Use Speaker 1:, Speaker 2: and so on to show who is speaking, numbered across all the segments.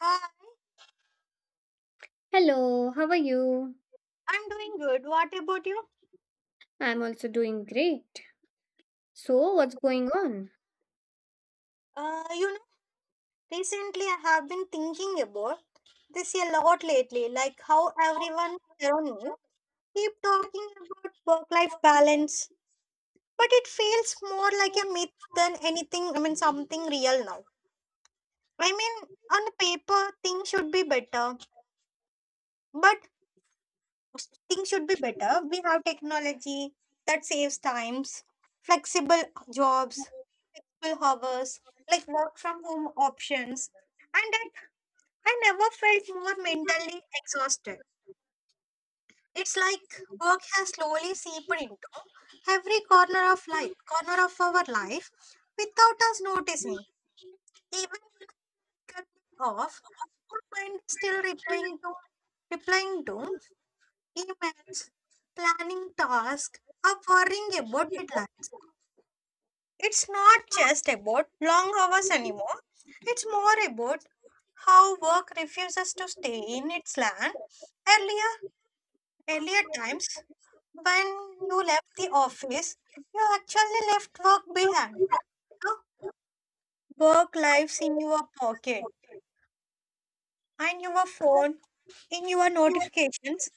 Speaker 1: Uh,
Speaker 2: Hello, how are you?
Speaker 1: I'm doing good. What about you?
Speaker 2: I'm also doing great. So, what's going on?
Speaker 1: Uh, you know, Recently I have been thinking about this a lot lately, like how everyone around me keep talking about work-life balance, but it feels more like a myth than anything, I mean, something real now. I mean, on paper, things should be better, but things should be better. We have technology that saves times, flexible jobs, flexible hours, like work from home options. And I never felt more mentally exhausted. It's like work has slowly seeped into every corner of our life, without us noticing. Even when we cut it off, our mind is still replying to emails, planning tasks, or worrying about deadlines. It's not just about long hours anymore. It's more about how work refuses to stay in its land. Earlier, earlier times, when you left the office, you actually left work behind. Now, work lives in your pocket, and your phone, in your notifications,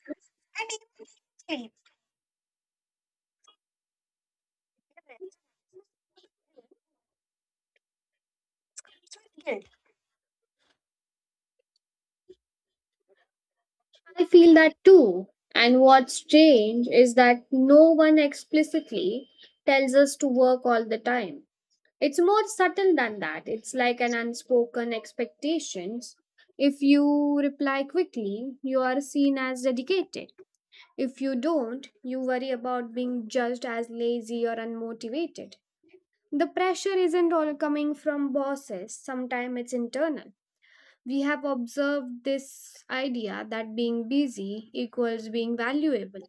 Speaker 1: and even sleep. Guilt.
Speaker 2: I feel that too. And what's strange is that no one explicitly tells us to work all the time. It's more subtle than that. It's like an unspoken expectations. If you reply quickly, you are seen as dedicated. If you don't, you worry about being judged as lazy or unmotivated. The pressure isn't all coming from bosses, sometimes it's internal. We have observed this idea that being busy equals being valuable.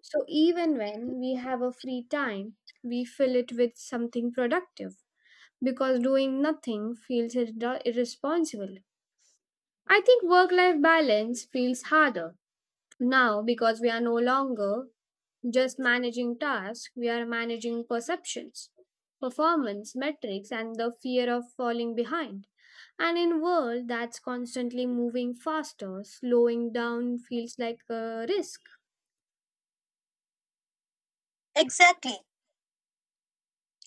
Speaker 2: So even when we have a free time, we fill it with something productive because doing nothing feels irresponsible. I think work life balance feels harder now because we are no longer just managing tasks, we are managing perceptions, performance metrics, and the fear of falling behind. And in world that's constantly moving faster, slowing down feels like a risk.
Speaker 1: Exactly.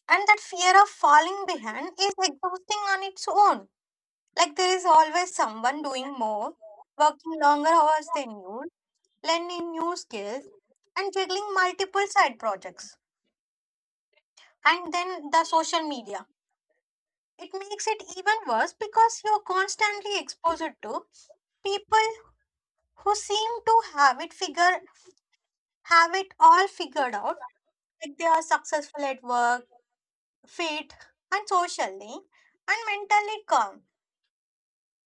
Speaker 1: And that fear of falling behind is exhausting on its own. Like there is always someone doing more, working longer hours than you, learning new skills, and juggling multiple side projects. And then the social media. It makes it even worse because you're constantly exposed to people who seem to have it all figured out, like they are successful at work, fit, and socially and mentally calm,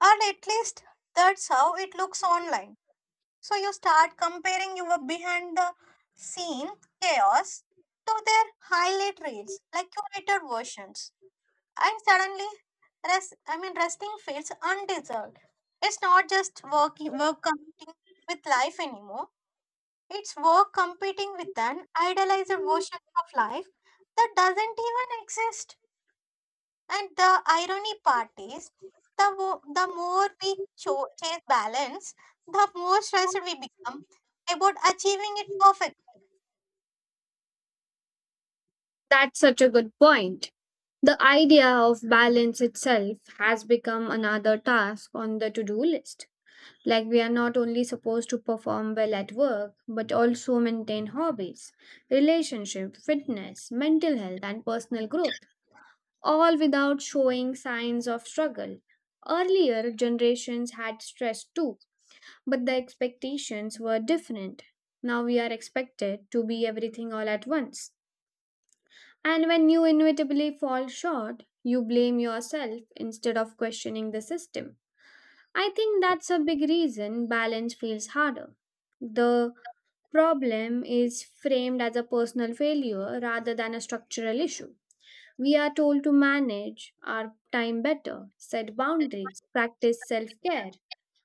Speaker 1: or at least that's how it looks online. So you start comparing your behind the scene chaos to their highlight reels, like curated versions, and suddenly, I mean, resting feels undeserved. It's not just work competing with life anymore. It's work competing with an idealized version of life that doesn't even exist. And the irony part is, the more we chase balance, the more stressed we become about achieving it perfect.
Speaker 2: That's such a good point. The idea of balance itself has become another task on the to-do list. Like we are not only supposed to perform well at work, but also maintain hobbies, relationship, fitness, mental health, and personal growth, all without showing signs of struggle. Earlier generations had stress too, but the expectations were different. Now we are expected to be everything all at once. And when you inevitably fall short, you blame yourself instead of questioning the system. I think that's a big reason balance feels harder. The problem is framed as a personal failure rather than a structural issue. We are told to manage our time better, set boundaries, practice self care,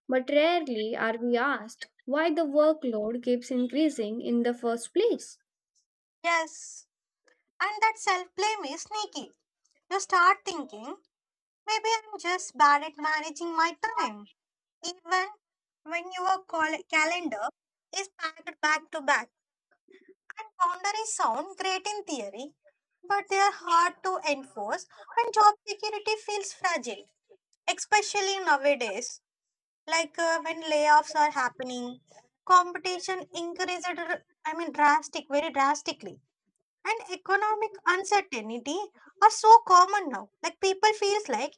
Speaker 2: but rarely are we asked why the workload keeps increasing in the first place.
Speaker 1: Yes, and that self blame is sneaky. You start thinking, maybe I'm just bad at managing my time, even when your calendar is packed back to back. And boundaries sound great in theory, but they are hard to enforce when job security feels fragile, especially nowadays. Like when layoffs are happening, competition increased, I mean, very drastically. And economic uncertainty are so common now. Like people feels like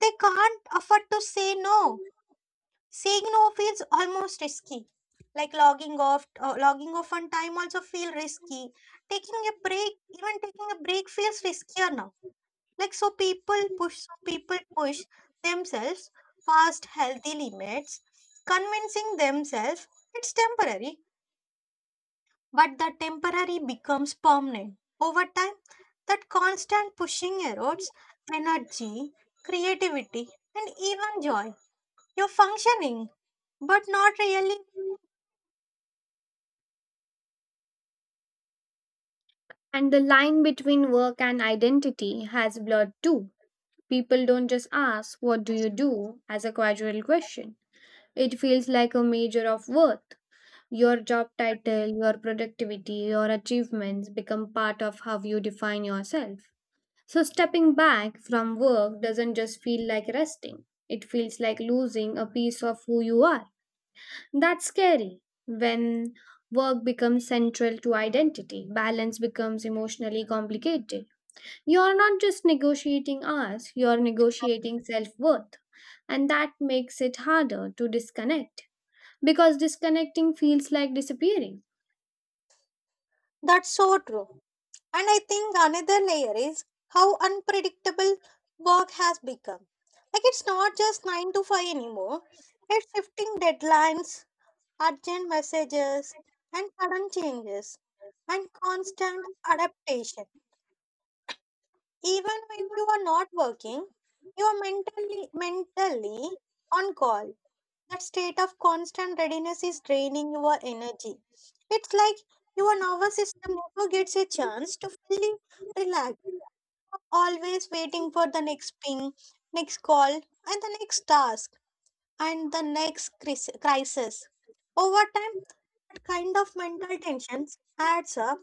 Speaker 1: they can't afford to say no. Saying no feels almost risky. Like logging off on time also feel risky. Taking a break, even taking a break feels riskier now, like so people push themselves past healthy limits, convincing themselves it's temporary, but the temporary becomes permanent. Over time, that constant pushing erodes energy, creativity, and even joy. You're functioning, but not really.
Speaker 2: And the line between work and identity has blurred too. People don't just ask, "What do you do?" as a casual question. It feels like a measure of worth. Your job title, your productivity, your achievements become part of how you define yourself. So, stepping back from work doesn't just feel like resting, it feels like losing a piece of who you are. That's scary. When work becomes central to identity, balance becomes emotionally complicated. You're not just negotiating hours, you're negotiating self worth. And that makes it harder to disconnect because disconnecting feels like disappearing.
Speaker 1: That's so true. And I think another layer is how unpredictable work has become. Like it's not just 9 to 5 anymore, it's shifting deadlines, urgent messages, and sudden changes, and constant adaptation. Even when you are not working, you are mentally on call. That state of constant readiness is draining your energy. It's like your nervous system never gets a chance to fully relax, always waiting for the next ping, next call, and the next task, and the next crisis. Over time, that kind of mental tension adds up,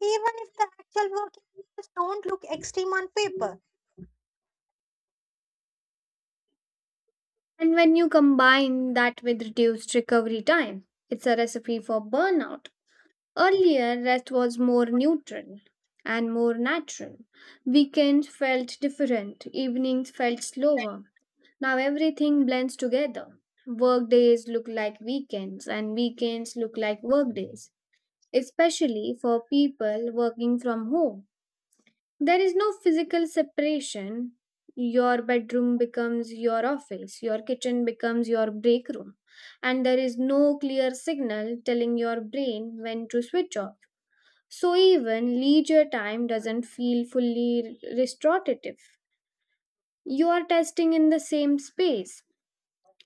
Speaker 1: even if the actual working hours don't look extreme on paper.
Speaker 2: And when you combine that with reduced recovery time, it's a recipe for burnout. Earlier, rest was more neutral and more natural. Weekends felt different, evenings felt slower. Now everything blends together. Work days look like weekends, and weekends look like work days, especially for people working from home. There is no physical separation. Your bedroom becomes your office, your kitchen becomes your break room, and there is no clear signal telling your brain when to switch off. So even leisure time doesn't feel fully restorative. You are testing in the same space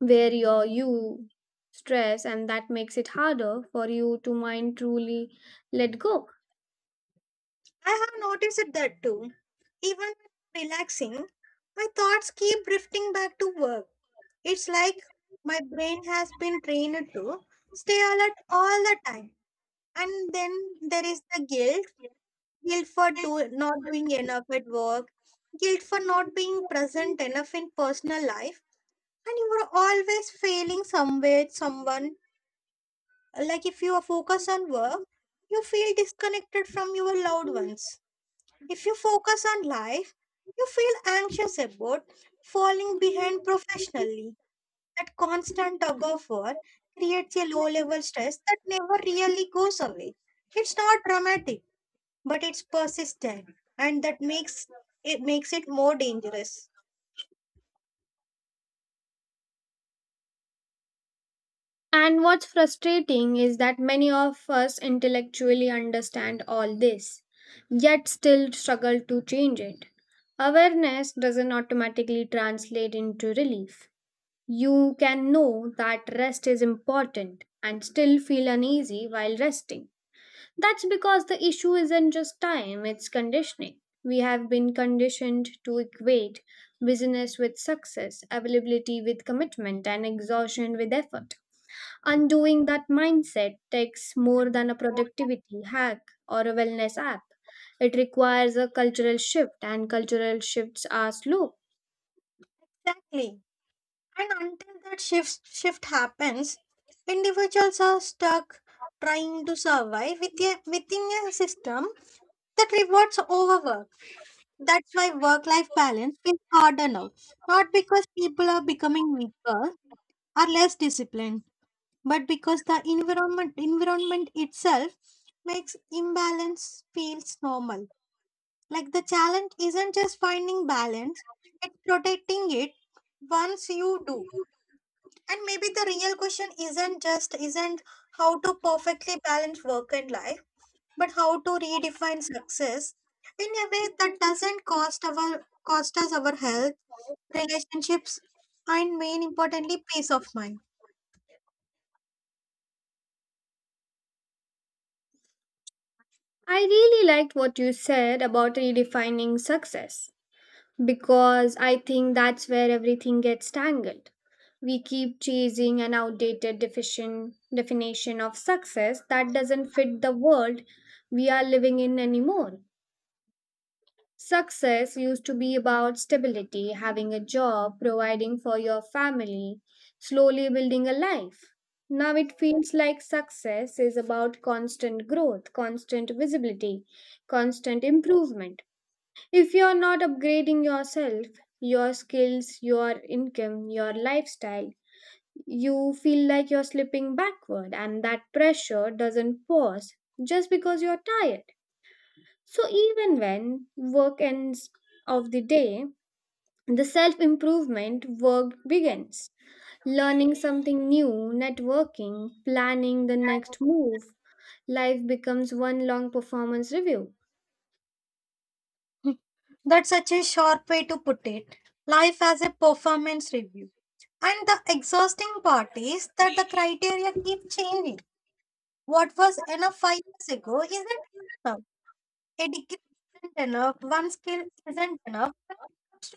Speaker 2: where your you stress, and that makes it harder for you to mind truly let go.
Speaker 1: I have noticed it that too. Even when relaxing, my thoughts keep drifting back to work. It's like my brain has been trained to stay alert all the time. And then there is the guilt for not doing enough at work, guilt for not being present enough in personal life, and you are always failing somewhere, someone. Like if you are focused on work, you feel disconnected from your loved ones. If you focus on life, you feel anxious about falling behind professionally. That constant tug of war creates a low level stress that never really goes away. It's not dramatic, but it's persistent, and that makes it more dangerous.
Speaker 2: And what's frustrating is that many of us intellectually understand all this, yet still struggle to change it. Awareness doesn't automatically translate into relief. You can know that rest is important and still feel uneasy while resting. That's because the issue isn't just time, it's conditioning. We have been conditioned to equate busyness with success, availability with commitment, and exhaustion with effort. Undoing that mindset takes more than a productivity hack or a wellness app. It requires a cultural shift, and cultural shifts are slow.
Speaker 1: Exactly. And until that shift happens, individuals are stuck trying to survive within a system that rewards overwork. That's why work life balance is harder now, not because people are becoming weaker or less disciplined, but because the environment itself makes imbalance feels normal. Like the challenge isn't just finding balance, it's protecting it once you do. And maybe the real question isn't how to perfectly balance work and life, but how to redefine success in a way that doesn't cost us our health, relationships, and main importantly, peace of mind.
Speaker 2: I really liked what you said about redefining success because I think that's where everything gets tangled. We keep chasing an outdated definition of success that doesn't fit the world we are living in anymore. Success used to be about stability, having a job, providing for your family, slowly building a life. Now it feels like success is about constant growth, constant visibility, constant improvement. If you're not upgrading yourself, your skills, your income, your lifestyle, you feel like you're slipping backward, and that pressure doesn't pause just because you're tired. So even when work ends of the day, the self improvement work begins. Learning something new, networking, planning the next move, life becomes one long performance review.
Speaker 1: That's such a sharp way to put it. Life as a performance review. And the exhausting part is that the criteria keep changing. What was enough 5 years ago isn't enough now. A degree isn't enough, one skill isn't enough, and jobs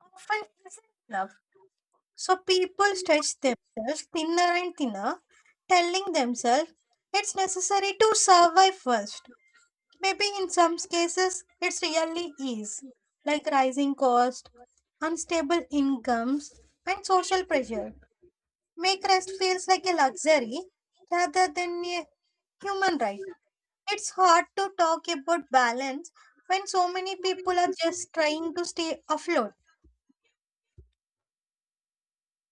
Speaker 1: often isn't enough. So people stretch themselves thinner and thinner, telling themselves it's necessary to survive first. Maybe in some cases it's really is, like rising cost, unstable incomes, and social pressure. Make rest feels like a luxury rather than a human right. It's hard to talk about balance when so many people are just trying to stay afloat.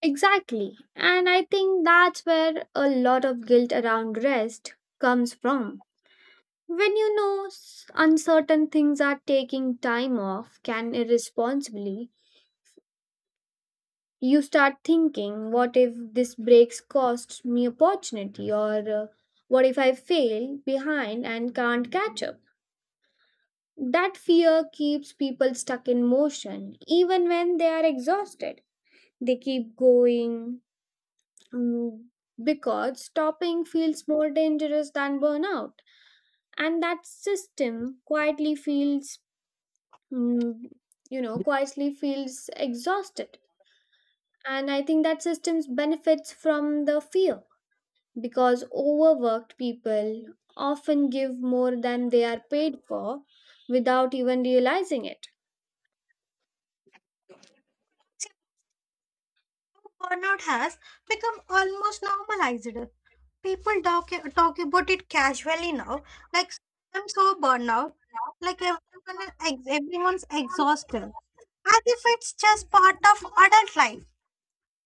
Speaker 2: Exactly. And I think that's where a lot of guilt around rest comes from. When you know uncertain things are taking time off, can irresponsibly, you start thinking what if this breaks costs me opportunity or what if I fail behind and can't catch up. That fear keeps people stuck in motion. Even when they are exhausted they keep going, mm, because stopping feels more dangerous than burnout. And that system quietly feels mm, you know quietly feels exhausted. And I think that systems benefits from the fear because overworked people often give more than they are paid for without even realizing it.
Speaker 1: See, burnout has become almost normalized. People talk about it casually now, like I'm so burned out, like everyone, everyone's exhausted, as if it's just part of adult life.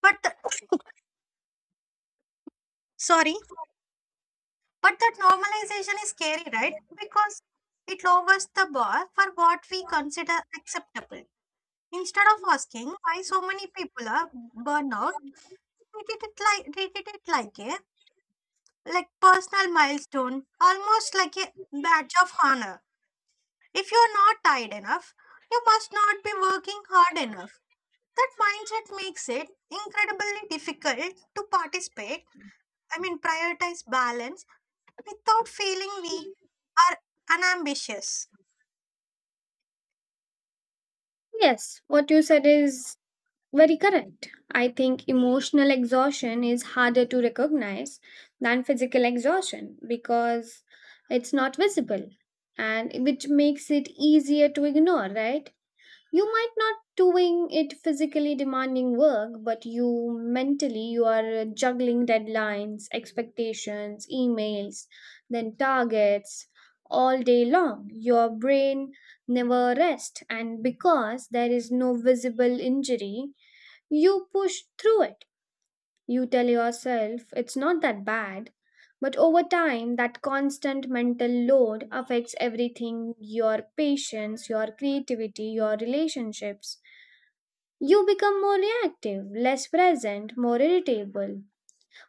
Speaker 1: But the- sorry, but that normalization is scary, right? Because it lowers the bar for what we consider acceptable. Instead of asking why so many people are burnout, they treated it like a personal milestone, almost like a badge of honor. If you're not tired enough, you must not be working hard enough. That mindset makes it incredibly difficult to I mean, prioritize balance without feeling we are unambitious.
Speaker 2: Yes, what you said is very correct. I think emotional exhaustion is harder to recognize than physical exhaustion because it's not visible, and which makes it easier to ignore, right? You might not doing it physically demanding work, but you mentally you are juggling deadlines, expectations, emails, then targets all day long. Your brain never rests, and because there is no visible injury you push through it. You tell yourself it's not that bad, but over time that constant mental load affects everything: your patience, your creativity, your relationships. You become more reactive, less present, more irritable.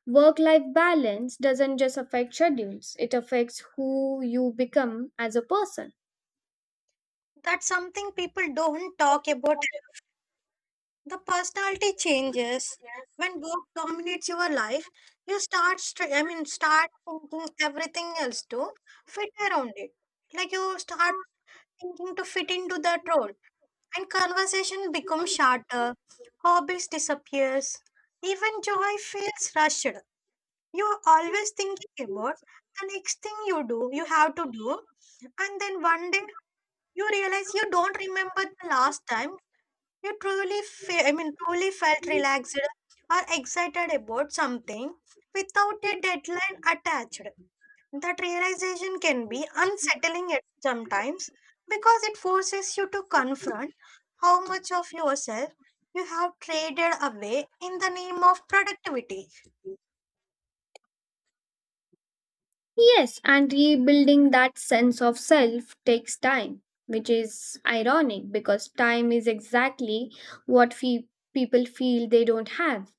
Speaker 2: Work life balance doesn't just affect schedules, it affects who you become as a person.
Speaker 1: That's something people don't talk about. The personality changes when work dominates your life. You start, I mean, start thinking everything else to fit around it. Like you start thinking to fit into that role, and conversation becomes shorter. Hobbies disappears. Even joy feels rushed. You are always thinking about the next thing you have to do, and then one day you realize you don't remember the last time you I mean, truly felt relaxed or excited about something without a deadline attached. That realization can be unsettling at sometimes because it forces you to confront how much of yourself you have traded away in the name of productivity.
Speaker 2: Yes, and rebuilding that sense of self takes time, which is ironic because time is exactly what people feel they don't have.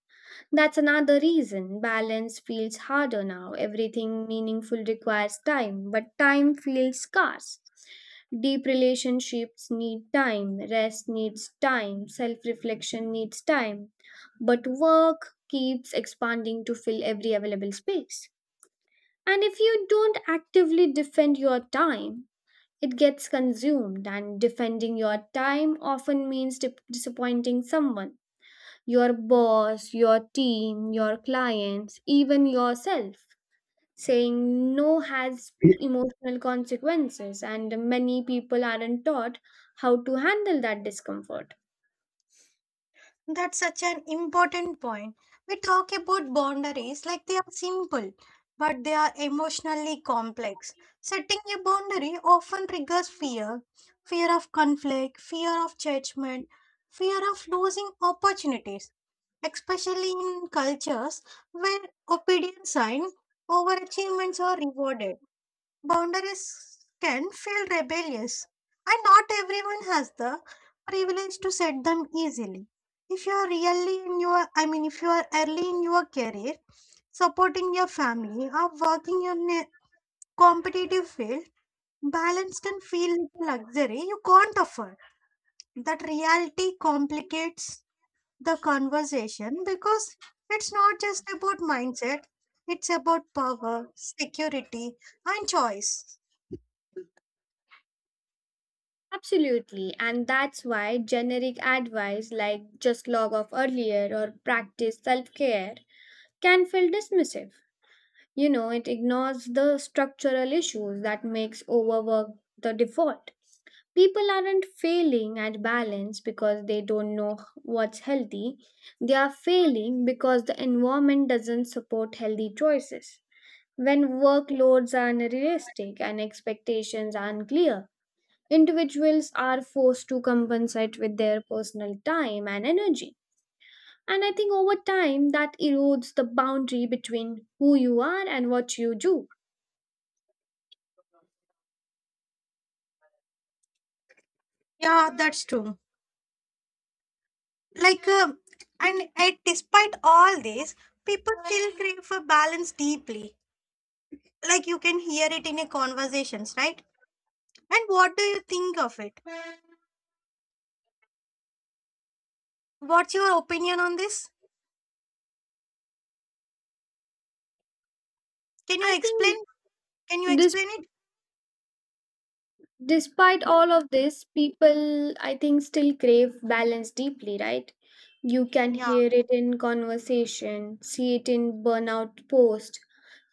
Speaker 2: That's another reason balance feels harder now. Everything meaningful requires time, but time feels scarce. Deep relationships need time, rest needs time, self reflection needs time. But work keeps expanding to fill every available space. And if you don't actively defend your time, it gets consumed, and defending your time often means disappointing someone: your boss, your team, your clients, even yourself. Saying no has emotional consequences, and many people aren't taught how to handle that discomfort.
Speaker 1: That's such an important point. We talk about boundaries like they are simple, but they are emotionally complex. Setting a boundary often triggers fear of conflict, fear of judgment, fear of losing opportunities, especially in cultures where obedience and overachievements are rewarded. Boundaries can feel rebellious, and not everyone has the privilege to set them easily. If you are I mean, if you are early in your career, supporting your family or working in a competitive field, balance can feel like a luxury you can't afford. That reality complicates the conversation because it's not just about mindset, it's about power, security, and choice.
Speaker 2: Absolutely, and that's why generic advice like just log off earlier or practice self care can feel dismissive. You know, it ignores the structural issues that makes overwork the default. People aren't failing at balance because they don't know what's healthy. They are failing because the environment doesn't support healthy choices. When workloads are unrealistic and expectations are unclear, individuals are forced to compensate with their personal time and energy. And I think over time, that erodes the boundary between who you are and what you do.
Speaker 1: Yeah, that's true. Like, and despite all this, people still crave for balance deeply. Like, you can hear it in your conversations, right? And what do you think of it? What's your opinion on this? Can you
Speaker 2: I think
Speaker 1: explain? Can you
Speaker 2: this,
Speaker 1: explain it?
Speaker 2: despite all of this people I think still crave balance deeply, right? You can
Speaker 1: Yeah,
Speaker 2: hear it in conversation, see it in burnout post,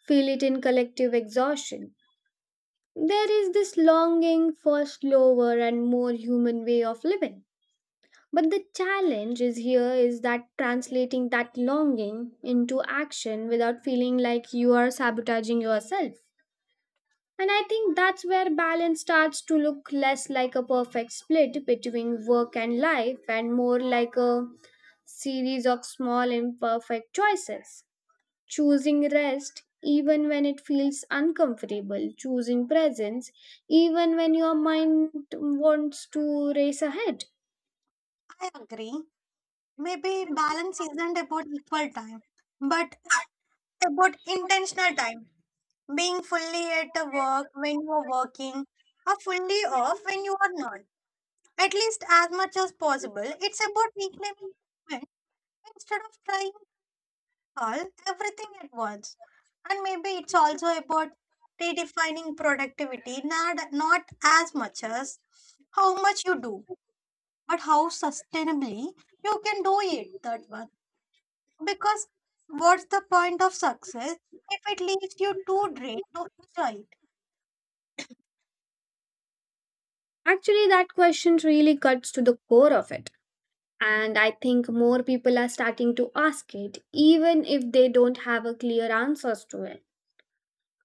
Speaker 2: feel it in collective exhaustion. There is this longing for slower and more human way of living, but the challenge is here is that translating that longing into action without feeling like you are sabotaging yourself. And I think that's where balance starts to look less like a perfect split between work and life and more like a series of small imperfect choices. Choosing rest even when it feels uncomfortable, choosing presence even when your mind wants to race ahead.
Speaker 1: I agree. Maybe balance isn't about equal time, but about intentional time. Being fully at the work when you are working, or fully off when you are not, at least as much as possible. It's about reclaiming movement instead of trying all everything at once. And maybe it's also about redefining productivity, not as much as how much you do, but how sustainably you can do it. That one. Because what's the point of success if it leaves you too drained to enjoy?
Speaker 2: Actually, that question really cuts to the core of it. And I think more people are starting to ask it, even if they don't have a clear answers to it.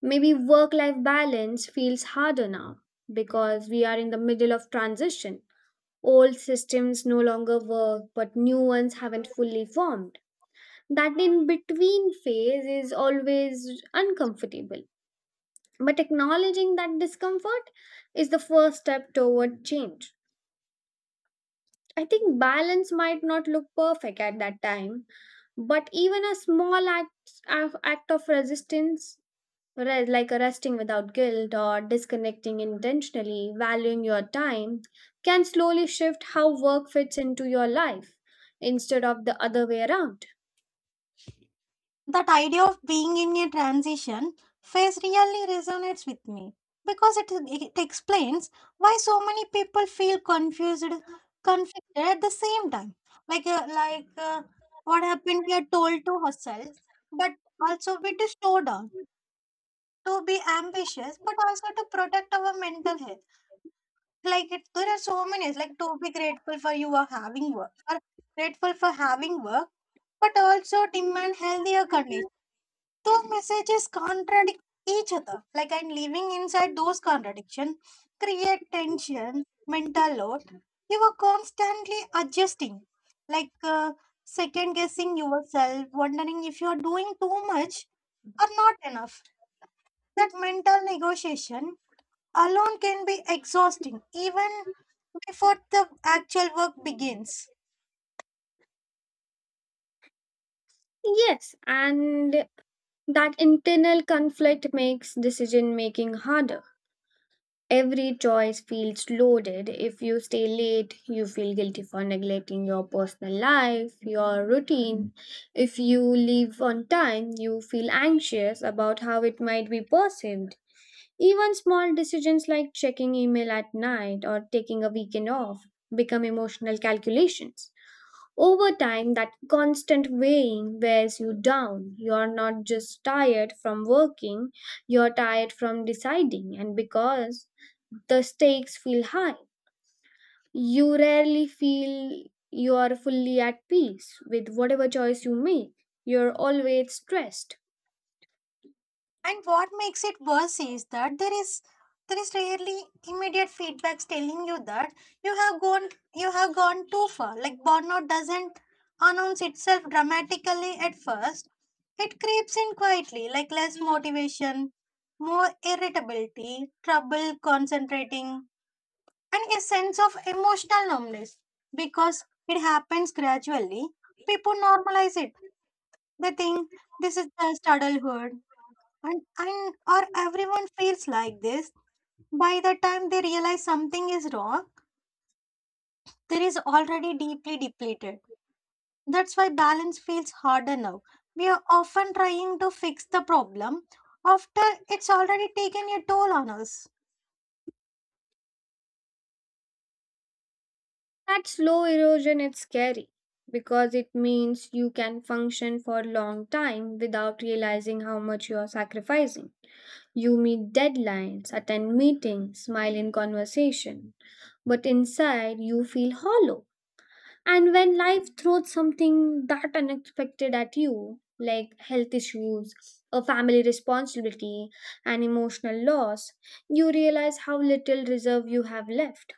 Speaker 2: Maybe work life balance feels harder now because we are in the middle of transition. Old systems no longer work, but new ones haven't fully formed. That in between phase is always uncomfortable. But acknowledging that discomfort is the first step toward change. I think balance might not look perfect at that time, but even a small act of resistance, like resting without guilt or disconnecting intentionally, valuing your time, can slowly shift how work fits into your life instead of the other way around.
Speaker 1: That idea of being in a transition phase really resonates with me because it explains why so many people feel confused, conflicted at the same time. Like, what happened, we are told to hustle, but also be to slow down, to be ambitious, but also to protect our mental health. Like, there are so many, like, to be grateful for you are having work, or grateful for having work, but also demand healthier conditions. Those messages contradict each other. Like I'm living inside those contradictions, create tension, mental load. You are constantly adjusting, like second guessing yourself, wondering if you are doing too much or not enough. That mental negotiation alone can be exhausting, even before the actual work begins.
Speaker 2: Yes, and that internal conflict makes decision making harder. Every choice feels loaded. If you stay late, you feel guilty for neglecting your personal life, your routine. If you leave on time, you feel anxious about how it might be perceived. Even small decisions like checking email at night or taking a weekend off become emotional calculations. Over time, that constant weighing wears you down. You're not just tired from working, you're tired from deciding, and because the stakes feel high, you rarely feel you are fully at peace with whatever choice you make. You're always stressed.
Speaker 1: And what makes it worse is that there is rarely immediate feedbacks telling you that you have gone you have gone too far. Like burnout doesn't announce itself dramatically at first. It creeps in quietly, like less motivation, more irritability, trouble concentrating, and a sense of emotional numbness. Because it happens gradually, people normalize it. They think this is just adulthood, and or everyone feels like this. By the time they realize something is wrong, there is already deeply depleted. That's why balance feels harder now. We are often trying to fix the problem after it's already taken a toll on us.
Speaker 2: That slow erosion is scary because it means you can function for a long time without realizing how much you are sacrificing. You meet deadlines, attend meetings, smile in conversation, but inside you feel hollow. And when life throws something that unexpected at you, like health issues, a family responsibility, and emotional loss, you realize how little reserve you have left.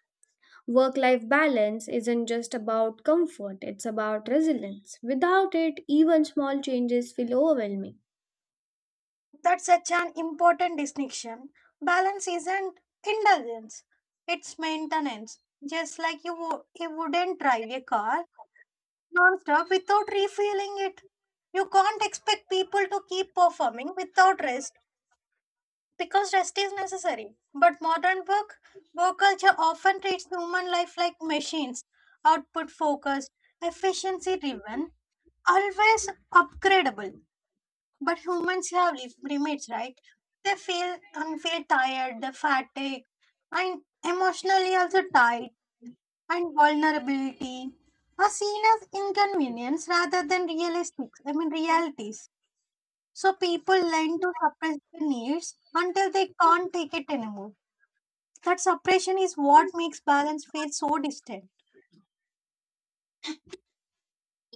Speaker 2: Work life balance isn't just about comfort, it's about resilience. Without it, even small changes feel overwhelming.
Speaker 1: That's such an important distinction. Balance isn't indulgence, it's maintenance. Just like you, you wouldn't drive a car non-stop without refeeling it. You can't expect people to keep performing without rest because rest is necessary. But modern work culture often treats human life like machines, output focused, efficiency driven, always upgradable. But humans have limits, right? They feel and feel tired, they fatigue, and emotionally also tired, and vulnerability are seen as inconvenience rather than realistic I mean realities. So people learn to suppress their needs until they can't take it anymore. That suppression is what makes balance feel so distant.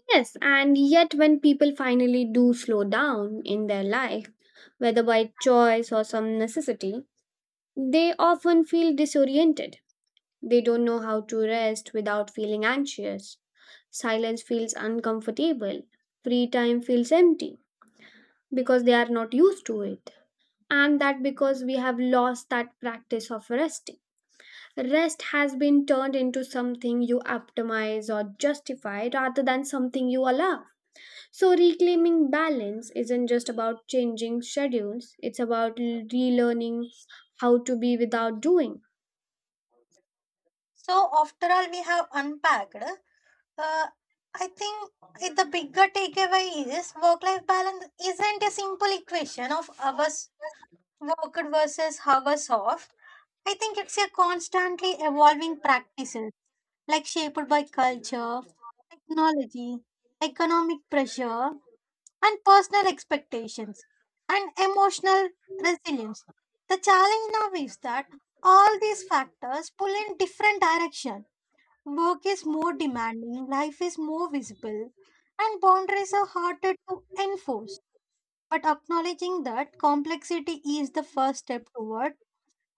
Speaker 2: Yes, and yet when people finally do slow down in their life, whether by choice or some necessity, they often feel disoriented. They don't know how to rest without feeling anxious. Silence feels uncomfortable. Free time feels empty because they are not used to it. And that because we have lost that practice of resting. Rest has been turned into something you optimize or justify rather than something you allow. So, reclaiming balance isn't just about changing schedules, it's about relearning how to be without doing.
Speaker 1: So after all we have unpacked, uh, I think the bigger takeaway is work life balance isn't a simple equation of hours worked versus hours off. I think it's a constantly evolving practice, like shaped by culture, technology, economic pressure, and personal expectations, and emotional resilience. The challenge now is that all these factors pull in different direction. Work is more demanding, life is more visible, and boundaries are harder to enforce. But acknowledging that complexity is the first step toward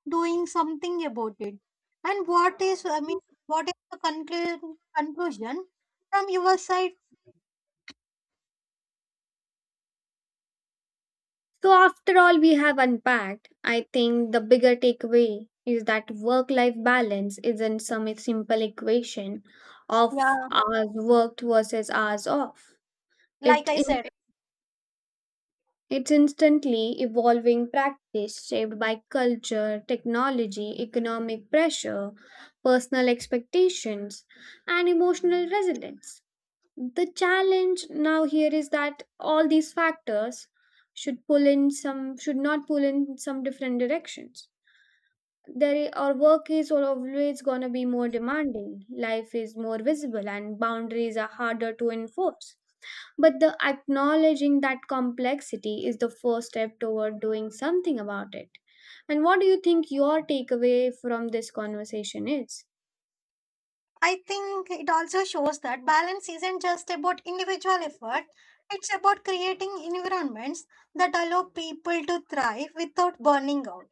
Speaker 1: doing something about it. And I mean, what is the conclusion from your side?
Speaker 2: So, after all we have unpacked, I think the bigger takeaway is that work life balance isn't some simple equation of
Speaker 1: Yeah,
Speaker 2: hours worked versus hours off.
Speaker 1: like
Speaker 2: It
Speaker 1: I said,
Speaker 2: It's instantly evolving practice shaped by culture, technology, economic pressure, personal expectations, and emotional resilience. The challenge now here is that all these factors should not pull in some different directions. There our work is always gonna be more demanding, life is more visible, and boundaries are harder to enforce. But the acknowledging that complexity is the first step toward doing something about it. And what do you think your takeaway from this conversation is?
Speaker 1: I think it also shows that balance isn't just about individual effort, it's about creating environments that allow people to thrive without burning out.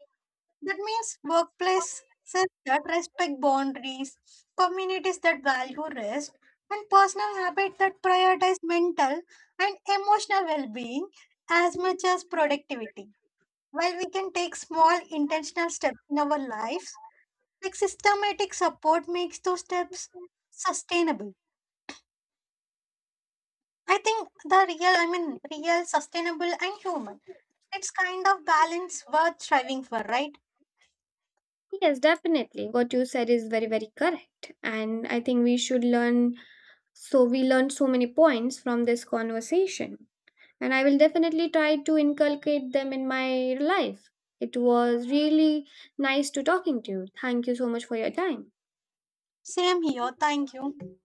Speaker 1: That means workplaces that respect boundaries, communities that value rest, and personal habits that prioritize mental and emotional well being as much as productivity. While we can take small intentional steps in our lives, like systematic support makes those steps sustainable. I think the real, I mean, sustainable, and human. It's kind of balance worth striving for, right?
Speaker 2: Yes, definitely. What you said is very, very correct. And I think we should learn. So, we learned so many points from this conversation. And I will definitely try to inculcate them in my life. It was really nice to talking to you. Thank you so much for your time.
Speaker 1: Same here. Thank you.